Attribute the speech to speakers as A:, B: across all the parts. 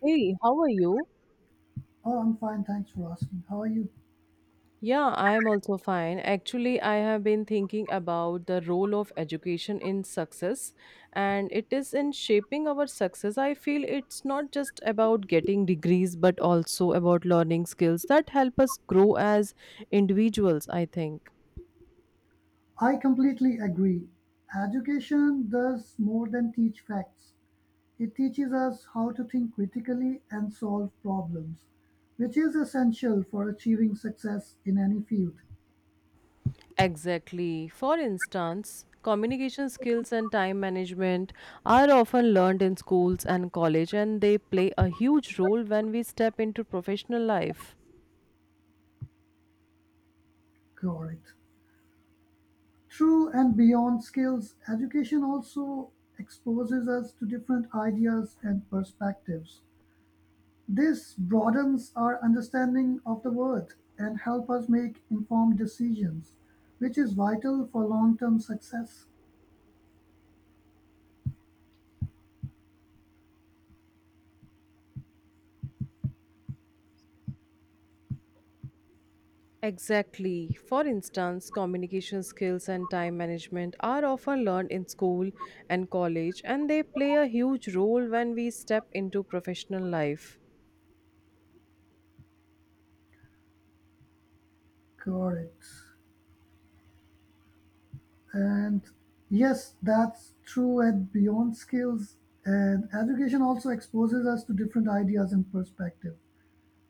A: Hey, how are you?
B: Oh, I'm fine. Thanks for asking. How are you?
A: Yeah, I'm also fine. Actually, I have been thinking about the role of education in success, and it is in shaping our success. I feel it's not just about getting degrees, but also about learning skills that help us grow as individuals, I think.
B: I completely agree. Education does more than teach facts, it teaches us how to think critically and solve problems, which is essential for achieving success in any field.
A: Exactly. For instance, communication skills and time management are often learned in schools and college, and they play a huge role when we step into professional life.
B: Correct. Through and beyond skills, education also exposes us to different ideas and perspectives. This broadens our understanding of the world and help us make informed decisions, which is vital for long-term success.
A: Exactly. For instance, communication skills and time management are often learned in school and college, and they play a huge role when we step into professional life.
B: Correct. And yes, that's true at beyond skills. And education also exposes us to different ideas and perspective.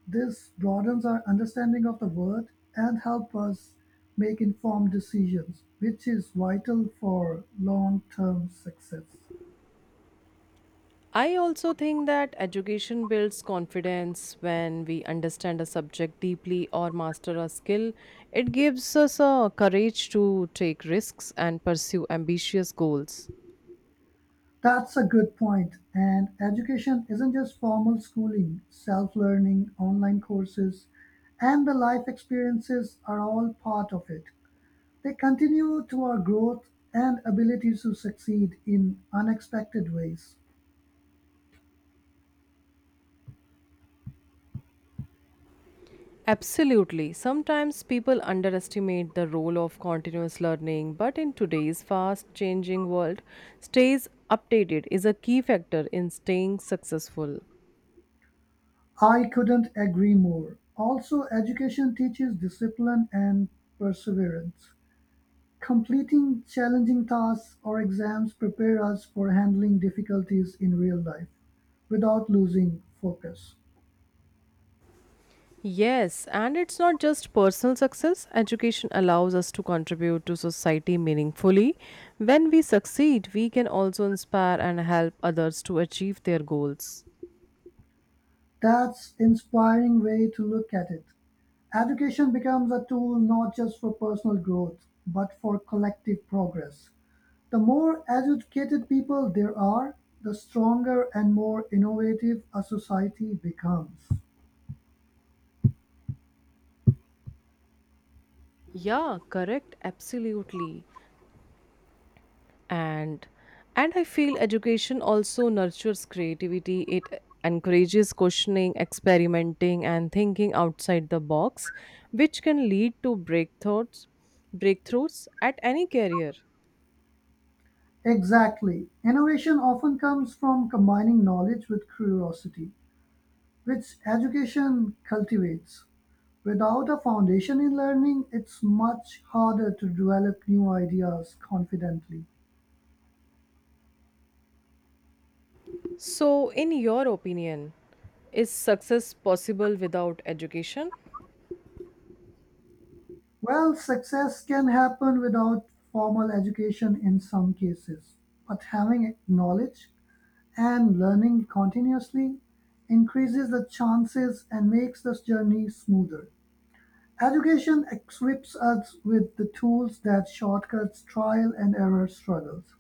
B: This broadens our understanding of the world and help us make informed decisions, which is vital for long-term success.
A: I also think that education builds confidence when we understand a subject deeply or master a skill. It gives us a courage to take risks and pursue ambitious goals.
B: That's a good point. And education isn't just formal schooling, self learning, online courses, and the life experiences are all part of it. They continue to our growth and ability to succeed in unexpected ways.
A: Absolutely. Sometimes people underestimate the role of continuous learning, but in today's fast changing world, stays updated is a key factor in staying successful.
B: I couldn't agree more. Also, education teaches discipline and perseverance. Completing challenging tasks or exams prepare us for handling difficulties in real life without losing focus.
A: Yes, and it's not just personal success. Education allows us to contribute to society meaningfully. When we succeed, we can also inspire and help others to achieve their goals.
B: That's inspiring way to look at it. Education becomes a tool not just for personal growth, but for collective progress. The more educated people there are, the stronger and more innovative a society becomes.
A: Yeah, correct. Absolutely. and and I feel education also nurtures creativity. It encourages questioning, experimenting, and thinking outside the box, which can lead to breakthroughs at any career.
B: Exactly. Innovation often comes from combining knowledge with curiosity, which education cultivates. Without a foundation in learning, it's much harder to develop new ideas confidently.
A: So in your opinion, is success possible without education?
B: Well, success can happen without formal education in some cases, but having knowledge and learning continuously increases the chances and makes this journey smoother. Education equips us with the tools that shortcuts trial and error struggles.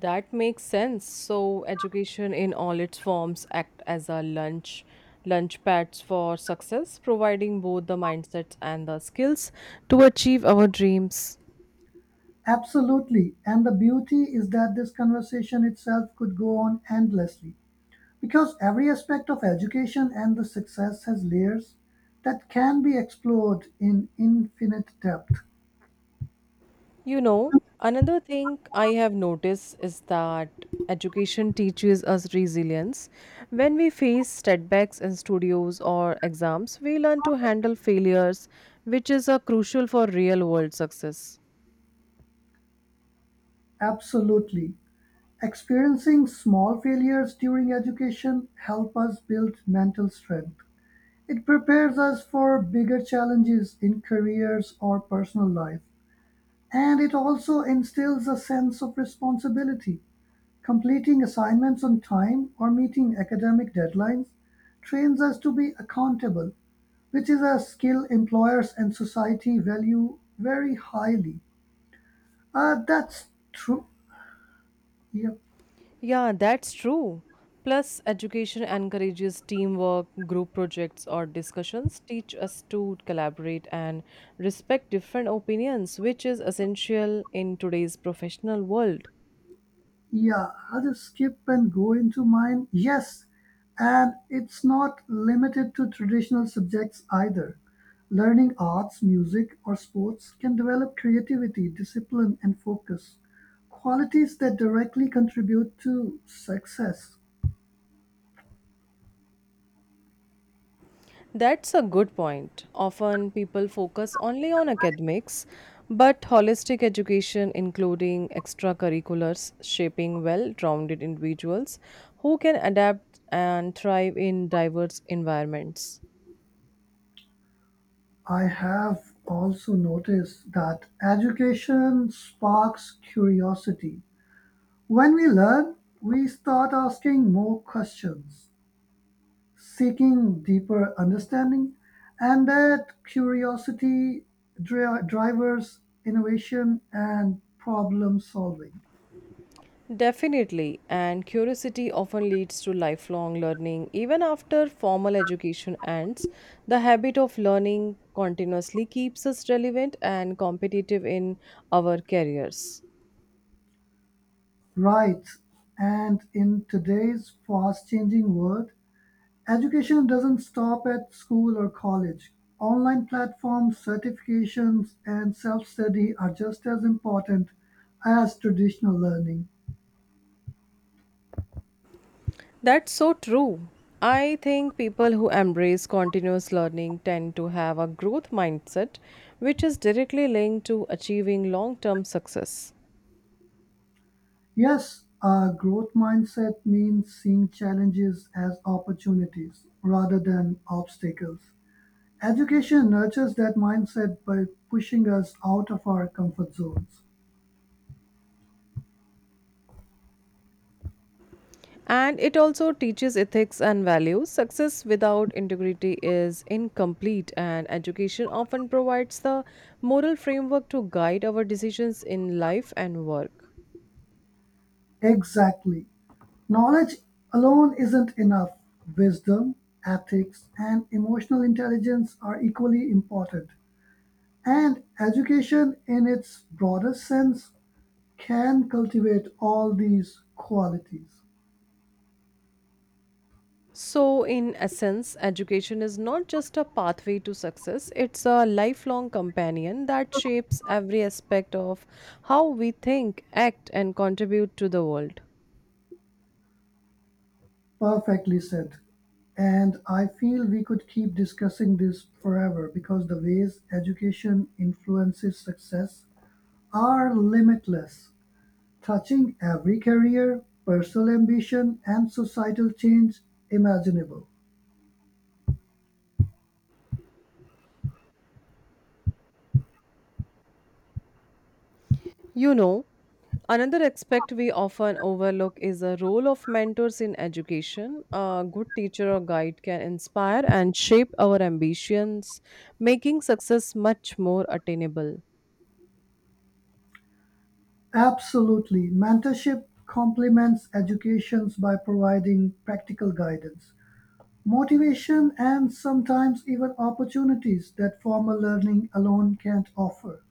A: That makes sense. So education in all its forms act as a lunch pads for success, providing both the mindsets and the skills to achieve our dreams.
B: Absolutely, and the beauty is that this conversation itself could go on endlessly. Because every aspect of education and the success has layers that can be explored in infinite depth.
A: You know, another thing I have noticed is that education teaches us resilience. When we face setbacks in studios or exams, we learn to handle failures, which is a crucial for real world success.
B: Absolutely. Experiencing small failures during education help us build mental strength. It prepares us for bigger challenges in careers or personal life, and it also instills a sense of responsibility. Completing assignments on time or meeting academic deadlines trains us to be accountable, which is a skill employers and society value very highly. That's true. Yep.
A: Yeah, that's true. Plus, education encourages teamwork, group projects, or discussions teach us to collaborate and respect different opinions, which is essential in today's professional world.
B: Yeah, I'll just skip and go into mine. Yes, and it's not limited to traditional subjects either. Learning arts, music, or sports can develop creativity, discipline, and focus, qualities that directly contribute to success.
A: That's a good point. Often people focus only on academics, but holistic education, including extracurriculars, shaping well rounded individuals who can adapt and thrive in diverse environments.
B: I have also noticed that education sparks curiosity. When we learn, we start asking more questions seeking deeper understanding, and that curiosity drives innovation and problem solving.
A: Definitely, and curiosity often leads to lifelong learning. Even after formal education ends, the habit of learning continuously keeps us relevant and competitive in our careers.
B: Right. And in today's fast changing world, education doesn't stop at school or college. Online platforms, certifications, and self study are just as important as traditional learning.
A: That's so true. I think people who embrace continuous learning tend to have a growth mindset, which is directly linked to achieving long term success.
B: Yes, a growth mindset means seeing challenges as opportunities rather than obstacles. Education nurtures that mindset by pushing us out of our comfort zones.
A: And it also teaches ethics and values. Success without integrity is incomplete, and education often provides the moral framework to guide our decisions in life and work.
B: Exactly. Knowledge alone isn't enough. Wisdom, ethics, and emotional intelligence are equally important. And education, in its broader sense, can cultivate all these qualities.
A: So, in essence, education is not just a pathway to success, it's a lifelong companion that shapes every aspect of how we think, act, and contribute to the world.
B: Perfectly said. And I feel we could keep discussing this forever because the ways education influences success are limitless, touching every career, personal ambition, and societal change imaginable.
A: You know, another aspect we often overlook is the role of mentors in education. A good teacher or guide can inspire and shape our ambitions, making success much more attainable.
B: Absolutely. Mentorship complements educations by providing practical guidance, motivation, and sometimes even opportunities that formal learning alone can't offer.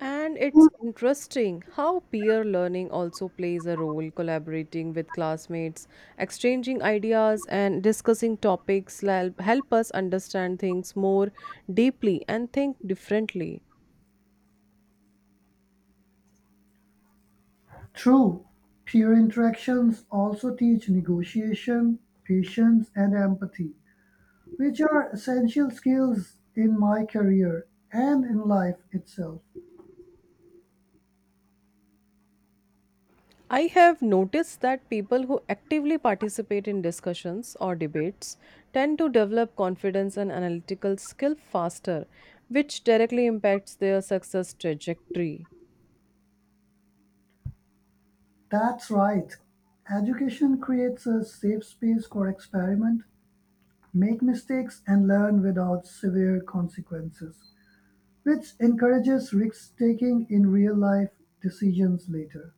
A: And it's interesting how peer learning also plays a role, collaborating with classmates, exchanging ideas, and discussing topics help us understand things more deeply and think differently.
B: True, peer interactions also teach negotiation, patience, and empathy, which are essential skills in my career and in life itself.
A: I have noticed that people who actively participate in discussions or debates tend to develop confidence and analytical skill faster, which directly impacts their success trajectory.
B: That's right. Education creates a safe space for experiment, make mistakes, and learn without severe consequences, which encourages risk taking in real life decisions later.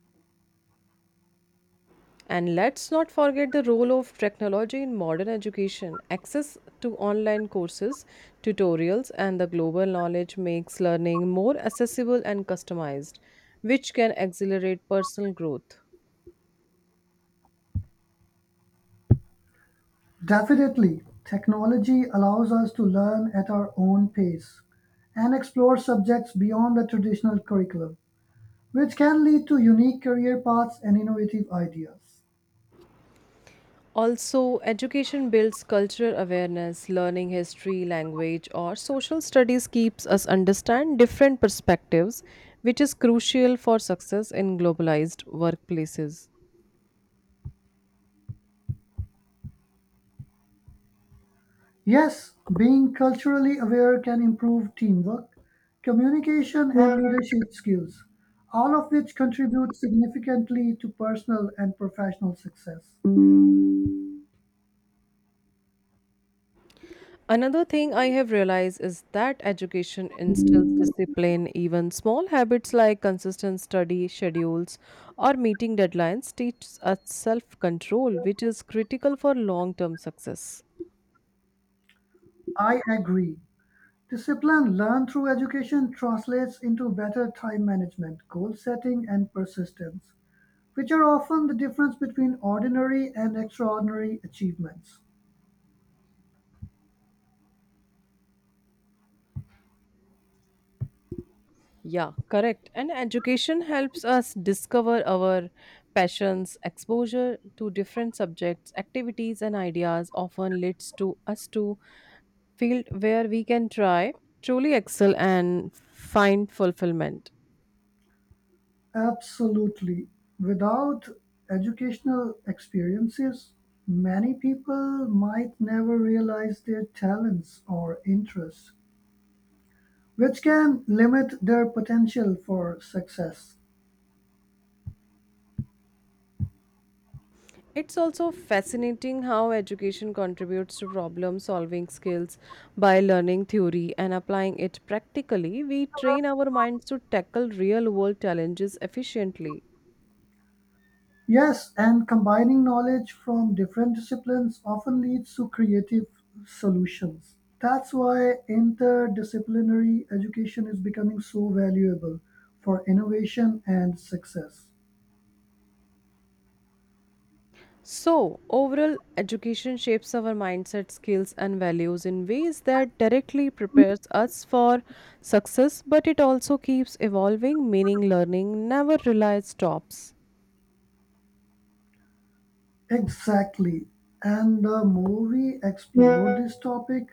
A: And let's not forget the role of technology in modern education. Access to online courses, tutorials, and the global knowledge makes learning more accessible and customized, which can accelerate personal growth.
B: Definitely, technology allows us to learn at our own pace and explore subjects beyond the traditional curriculum, which can lead to unique career paths and innovative ideas.
A: Also, education builds cultural awareness, learning history, language, or social studies keeps us understand different perspectives, which is crucial for success in globalized workplaces.
B: Yes, being culturally aware can improve teamwork, communication, and leadership skills, all of which contribute significantly to personal and professional success.
A: Another thing I have realized is that education instills discipline. Even small habits like consistent study schedules or meeting deadlines teach us self control, which is critical for long term success.
B: I agree. Discipline learned through education translates into better time management, goal setting, and persistence, which are often the difference between ordinary and extraordinary achievements.
A: Yeah, correct. And education helps us discover our passions, exposure to different subjects, activities, and ideas often leads to us to field where we can try, truly excel, and find fulfillment.
B: Absolutely. Without educational experiences, many people might never realize their talents or interests, which can limit their potential for success.
A: It's also fascinating how education contributes to problem solving skills by learning theory and applying it practically. We train our minds to tackle real world challenges efficiently.
B: Yes, and combining knowledge from different disciplines often leads to creative solutions. That's why interdisciplinary education is becoming so valuable for innovation and success.
A: So, overall, education shapes our mindset, skills, and values in ways that directly prepares us for success, but it also keeps evolving, meaning learning never relies stops.
B: Exactly. And the more we explore this topic,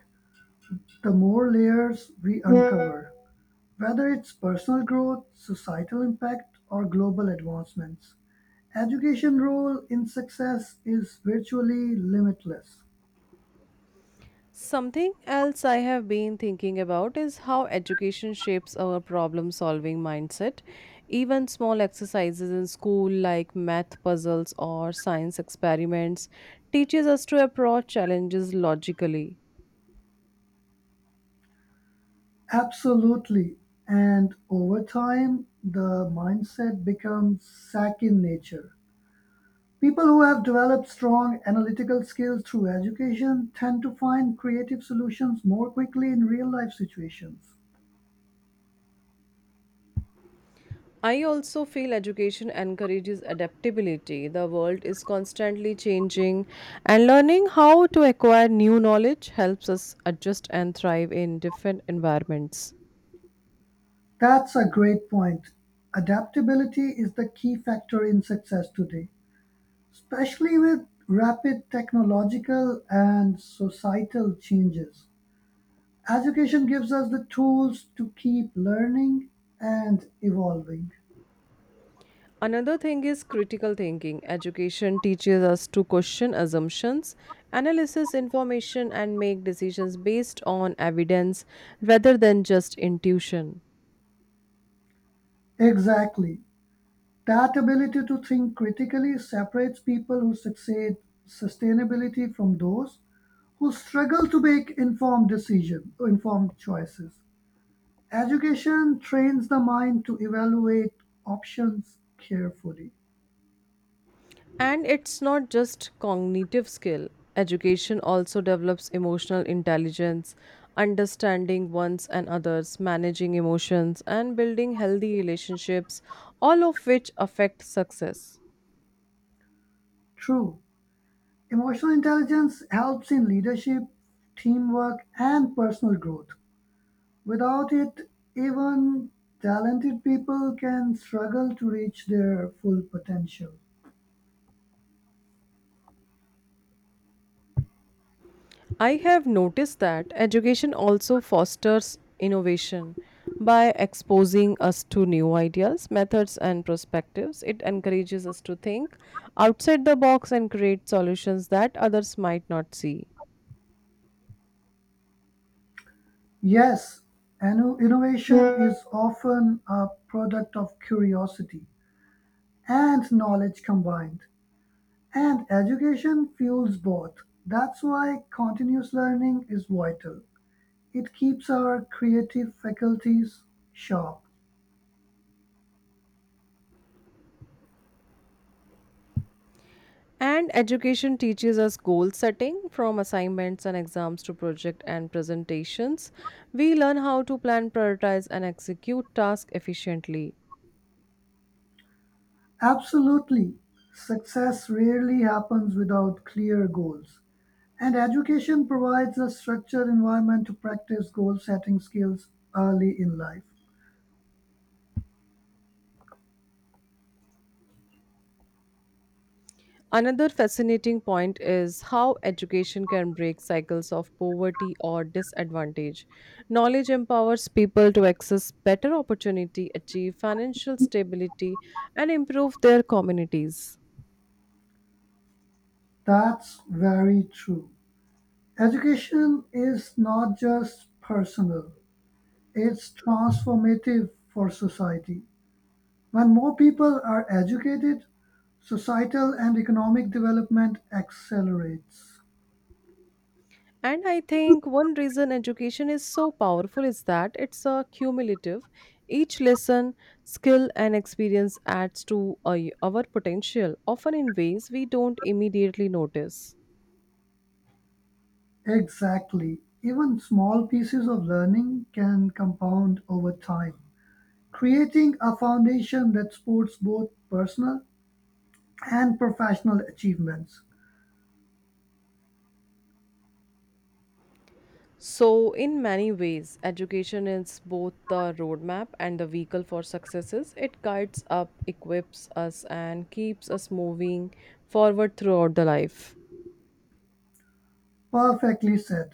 B: the more layers we uncover, whether it's personal growth, societal impact, or global advancements. Education role in success is virtually limitless.
A: Something else I have been thinking about is how education shapes our problem solving mindset. Even small exercises in school like math puzzles or science experiments teaches us to approach challenges logically.
B: Absolutely. And over time, the mindset becomes SAC in nature. People who have developed strong analytical skills through education tend to find creative solutions more quickly in real life situations.
A: I also feel education encourages adaptability. The world is constantly changing and learning how to acquire new knowledge helps us adjust and thrive in different environments.
B: That's a great point. Adaptability is the key factor in success today, especially with rapid technological and societal changes. Education gives us the tools to keep learning and evolving.
A: Another thing is critical thinking. Education teaches us to question assumptions, analysis information, and make decisions based on evidence rather than just intuition.
B: Exactly. That ability to think critically separates people who succeed sustainability from those who struggle to make informed decision informed choices. Education trains the mind to evaluate options carefully.
A: And it's not just cognitive skill, education also develops emotional intelligence, understanding one's and others, managing emotions, and building healthy relationships, all of which affect success.
B: True. Emotional intelligence helps in leadership, teamwork, and personal growth. Without it, even talented people can struggle to reach their full potential.
A: I have noticed that education also fosters innovation by exposing us to new ideas, methods, and perspectives. It encourages us to think outside the box and create solutions that others might not see.
B: Yes, innovation is often a product of curiosity and knowledge combined, and education fuels both. That's why continuous learning is vital. It keeps our creative faculties sharp.
A: And education teaches us goal setting from assignments and exams to project and presentations. We learn how to plan, prioritize, and execute tasks efficiently.
B: Absolutely, success rarely happens without clear goals. And education provides a structured environment to practice goal setting skills early in life.
A: Another fascinating point is how education can break cycles of poverty or disadvantage. Knowledge empowers people to access better opportunity, achieve financial stability, and improve their communities.
B: That's very true. Education is not just personal, it's transformative for society. When more people are educated, societal and economic development accelerates.
A: And I think one reason education is so powerful is that it's a cumulative. Each lesson, skill, and experience adds to our potential, often in ways we don't immediately notice.
B: Exactly. Even small pieces of learning can compound over time, creating a foundation that supports both personal and professional achievements.
A: So, in many ways, education is both the roadmap and the vehicle for successes. It guides up, equips us, and keeps us moving forward throughout the life.
B: Perfectly said.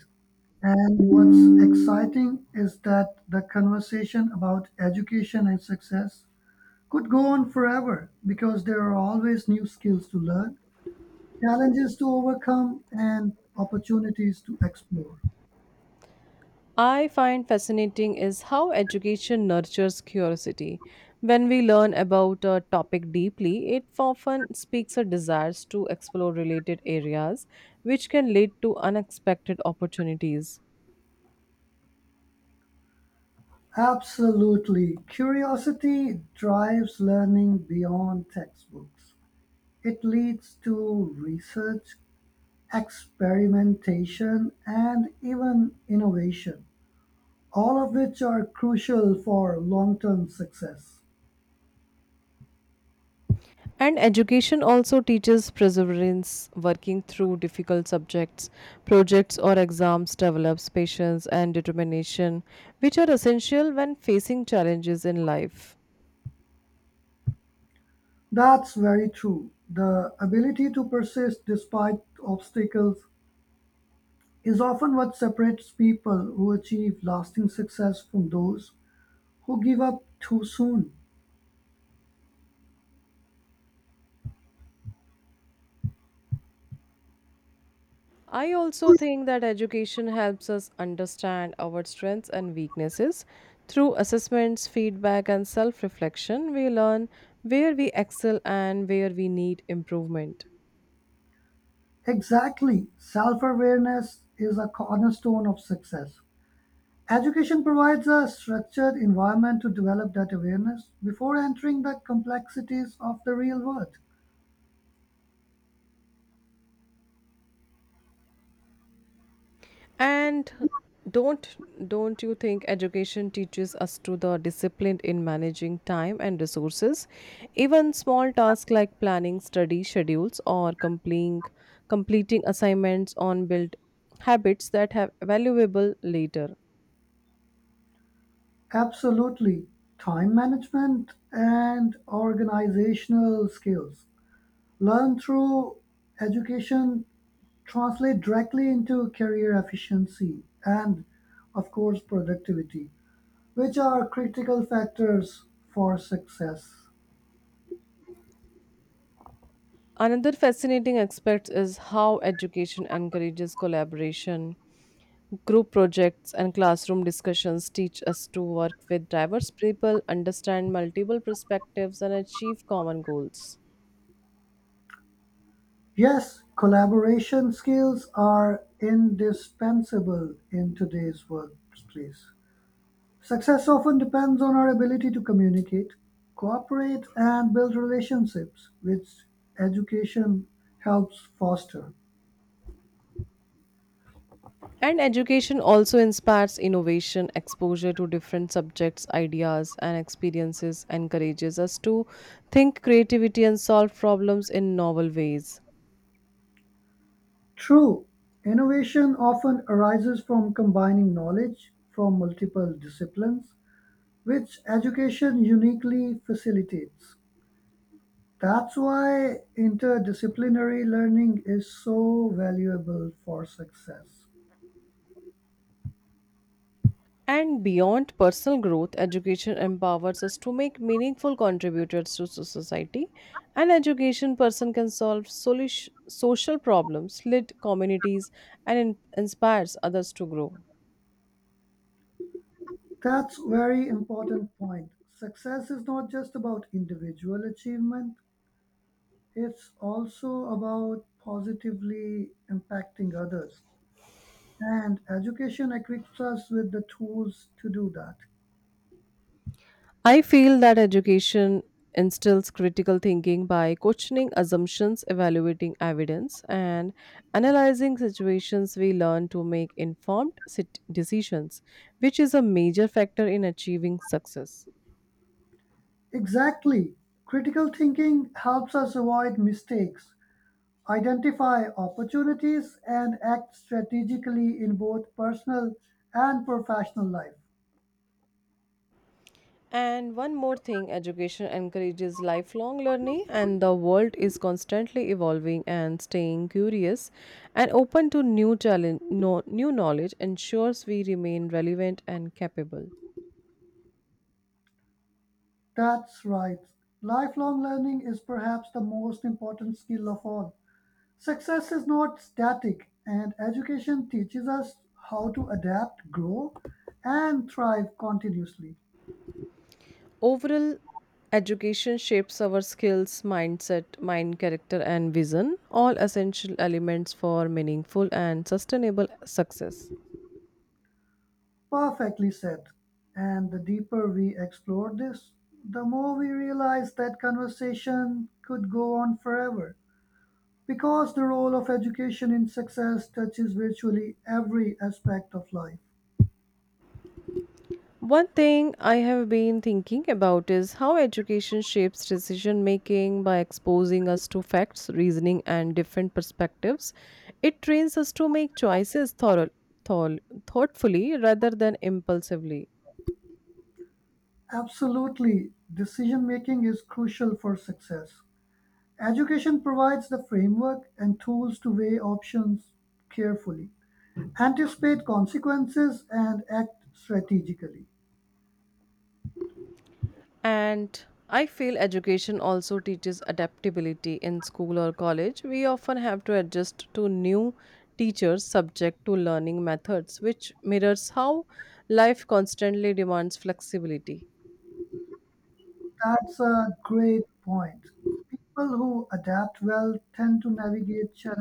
B: And what's exciting is that the conversation about education and success could go on forever because there are always new skills to learn, challenges to overcome, and opportunities to explore.
A: I find fascinating is how education nurtures curiosity. When we learn about a topic deeply, it often speaks a desires to explore related areas, which can lead to unexpected opportunities.
B: Absolutely. Curiosity drives learning beyond textbooks. It leads to research, experimentation, and even innovation, all of which are crucial for long-term success.
A: And education also teaches perseverance, working through difficult subjects, projects, or exams develops patience and determination, which are essential when facing challenges in life.
B: That's very true. The ability to persist despite obstacles is often what separates people who achieve lasting success from those who give up too soon.
A: I also think that education helps us understand our strengths and weaknesses. Through assessments, feedback, and self reflection, we learn where we excel and where we need improvement.
B: Exactly. Self awareness is a cornerstone of success. Education provides a structured environment to develop that awareness before entering the complexities of the real world.
A: And don't don't you think education teaches us to the discipline in managing time and resources? Even small tasks like planning study schedules or completing assignments on build habits that have valuable later.
B: Absolutely. Time management and organizational skills learned through education translate directly into career efficiency and, of course, productivity, which are critical factors for success.
A: Another fascinating aspect is how education encourages collaboration. Group projects and classroom discussions teach us to work with diverse people, understand multiple perspectives, and achieve common goals.
B: Yes, collaboration skills are indispensable in today's workplace. Success often depends on our ability to communicate, cooperate, and build relationships, which education helps foster.
A: And education also inspires innovation, exposure to different subjects, ideas, and experiences encourages us to think creativity and solve problems in novel ways.
B: True, innovation often arises from combining knowledge from multiple disciplines, which education uniquely facilitates. That's why interdisciplinary learning is so valuable for success.
A: And beyond personal growth, education empowers us to make meaningful contributors to so- society. An education person can solve solish- social problems, lead communities, and in- inspires others to grow.
B: That's very important point. Success is not just about individual achievement, it's also about positively impacting others. And education equips us with the tools to do that.
A: I feel that education instills critical thinking by questioning assumptions, evaluating evidence, and analyzing situations. We learn to make informed sit- decisions, which is a major factor in achieving success.
B: Exactly. Critical thinking helps us avoid mistakes, identify opportunities, and act strategically in both personal and professional life.
A: And one more thing education encourages lifelong learning, and the world is constantly evolving and staying curious and open to new, challenge, no, new knowledge ensures we remain relevant and capable.
B: That's right. Lifelong learning is perhaps the most important skill of all. Success is not static, and education teaches us how to adapt, grow, and thrive continuously.
A: Overall, education shapes our skills, mindset, mind character, and vision, all essential elements for meaningful and sustainable success.
B: Perfectly said. And the deeper we explore this, the more we realize that conversation could go on forever. Because the role of education in success touches virtually every aspect of life.
A: One thing I have been thinking about is how education shapes decision making by exposing us to facts, reasoning, and different perspectives. It trains us to make choices thorough, thought, thoughtfully rather than impulsively.
B: Absolutely, decision making is crucial for success. Education provides the framework and tools to weigh options carefully, anticipate consequences, and act strategically.
A: And I feel education also teaches adaptability in school or college. We often have to adjust to new teachers subject to learning methods, which mirrors how life constantly demands flexibility.
B: That's a great point. People who adapt well tend to navigate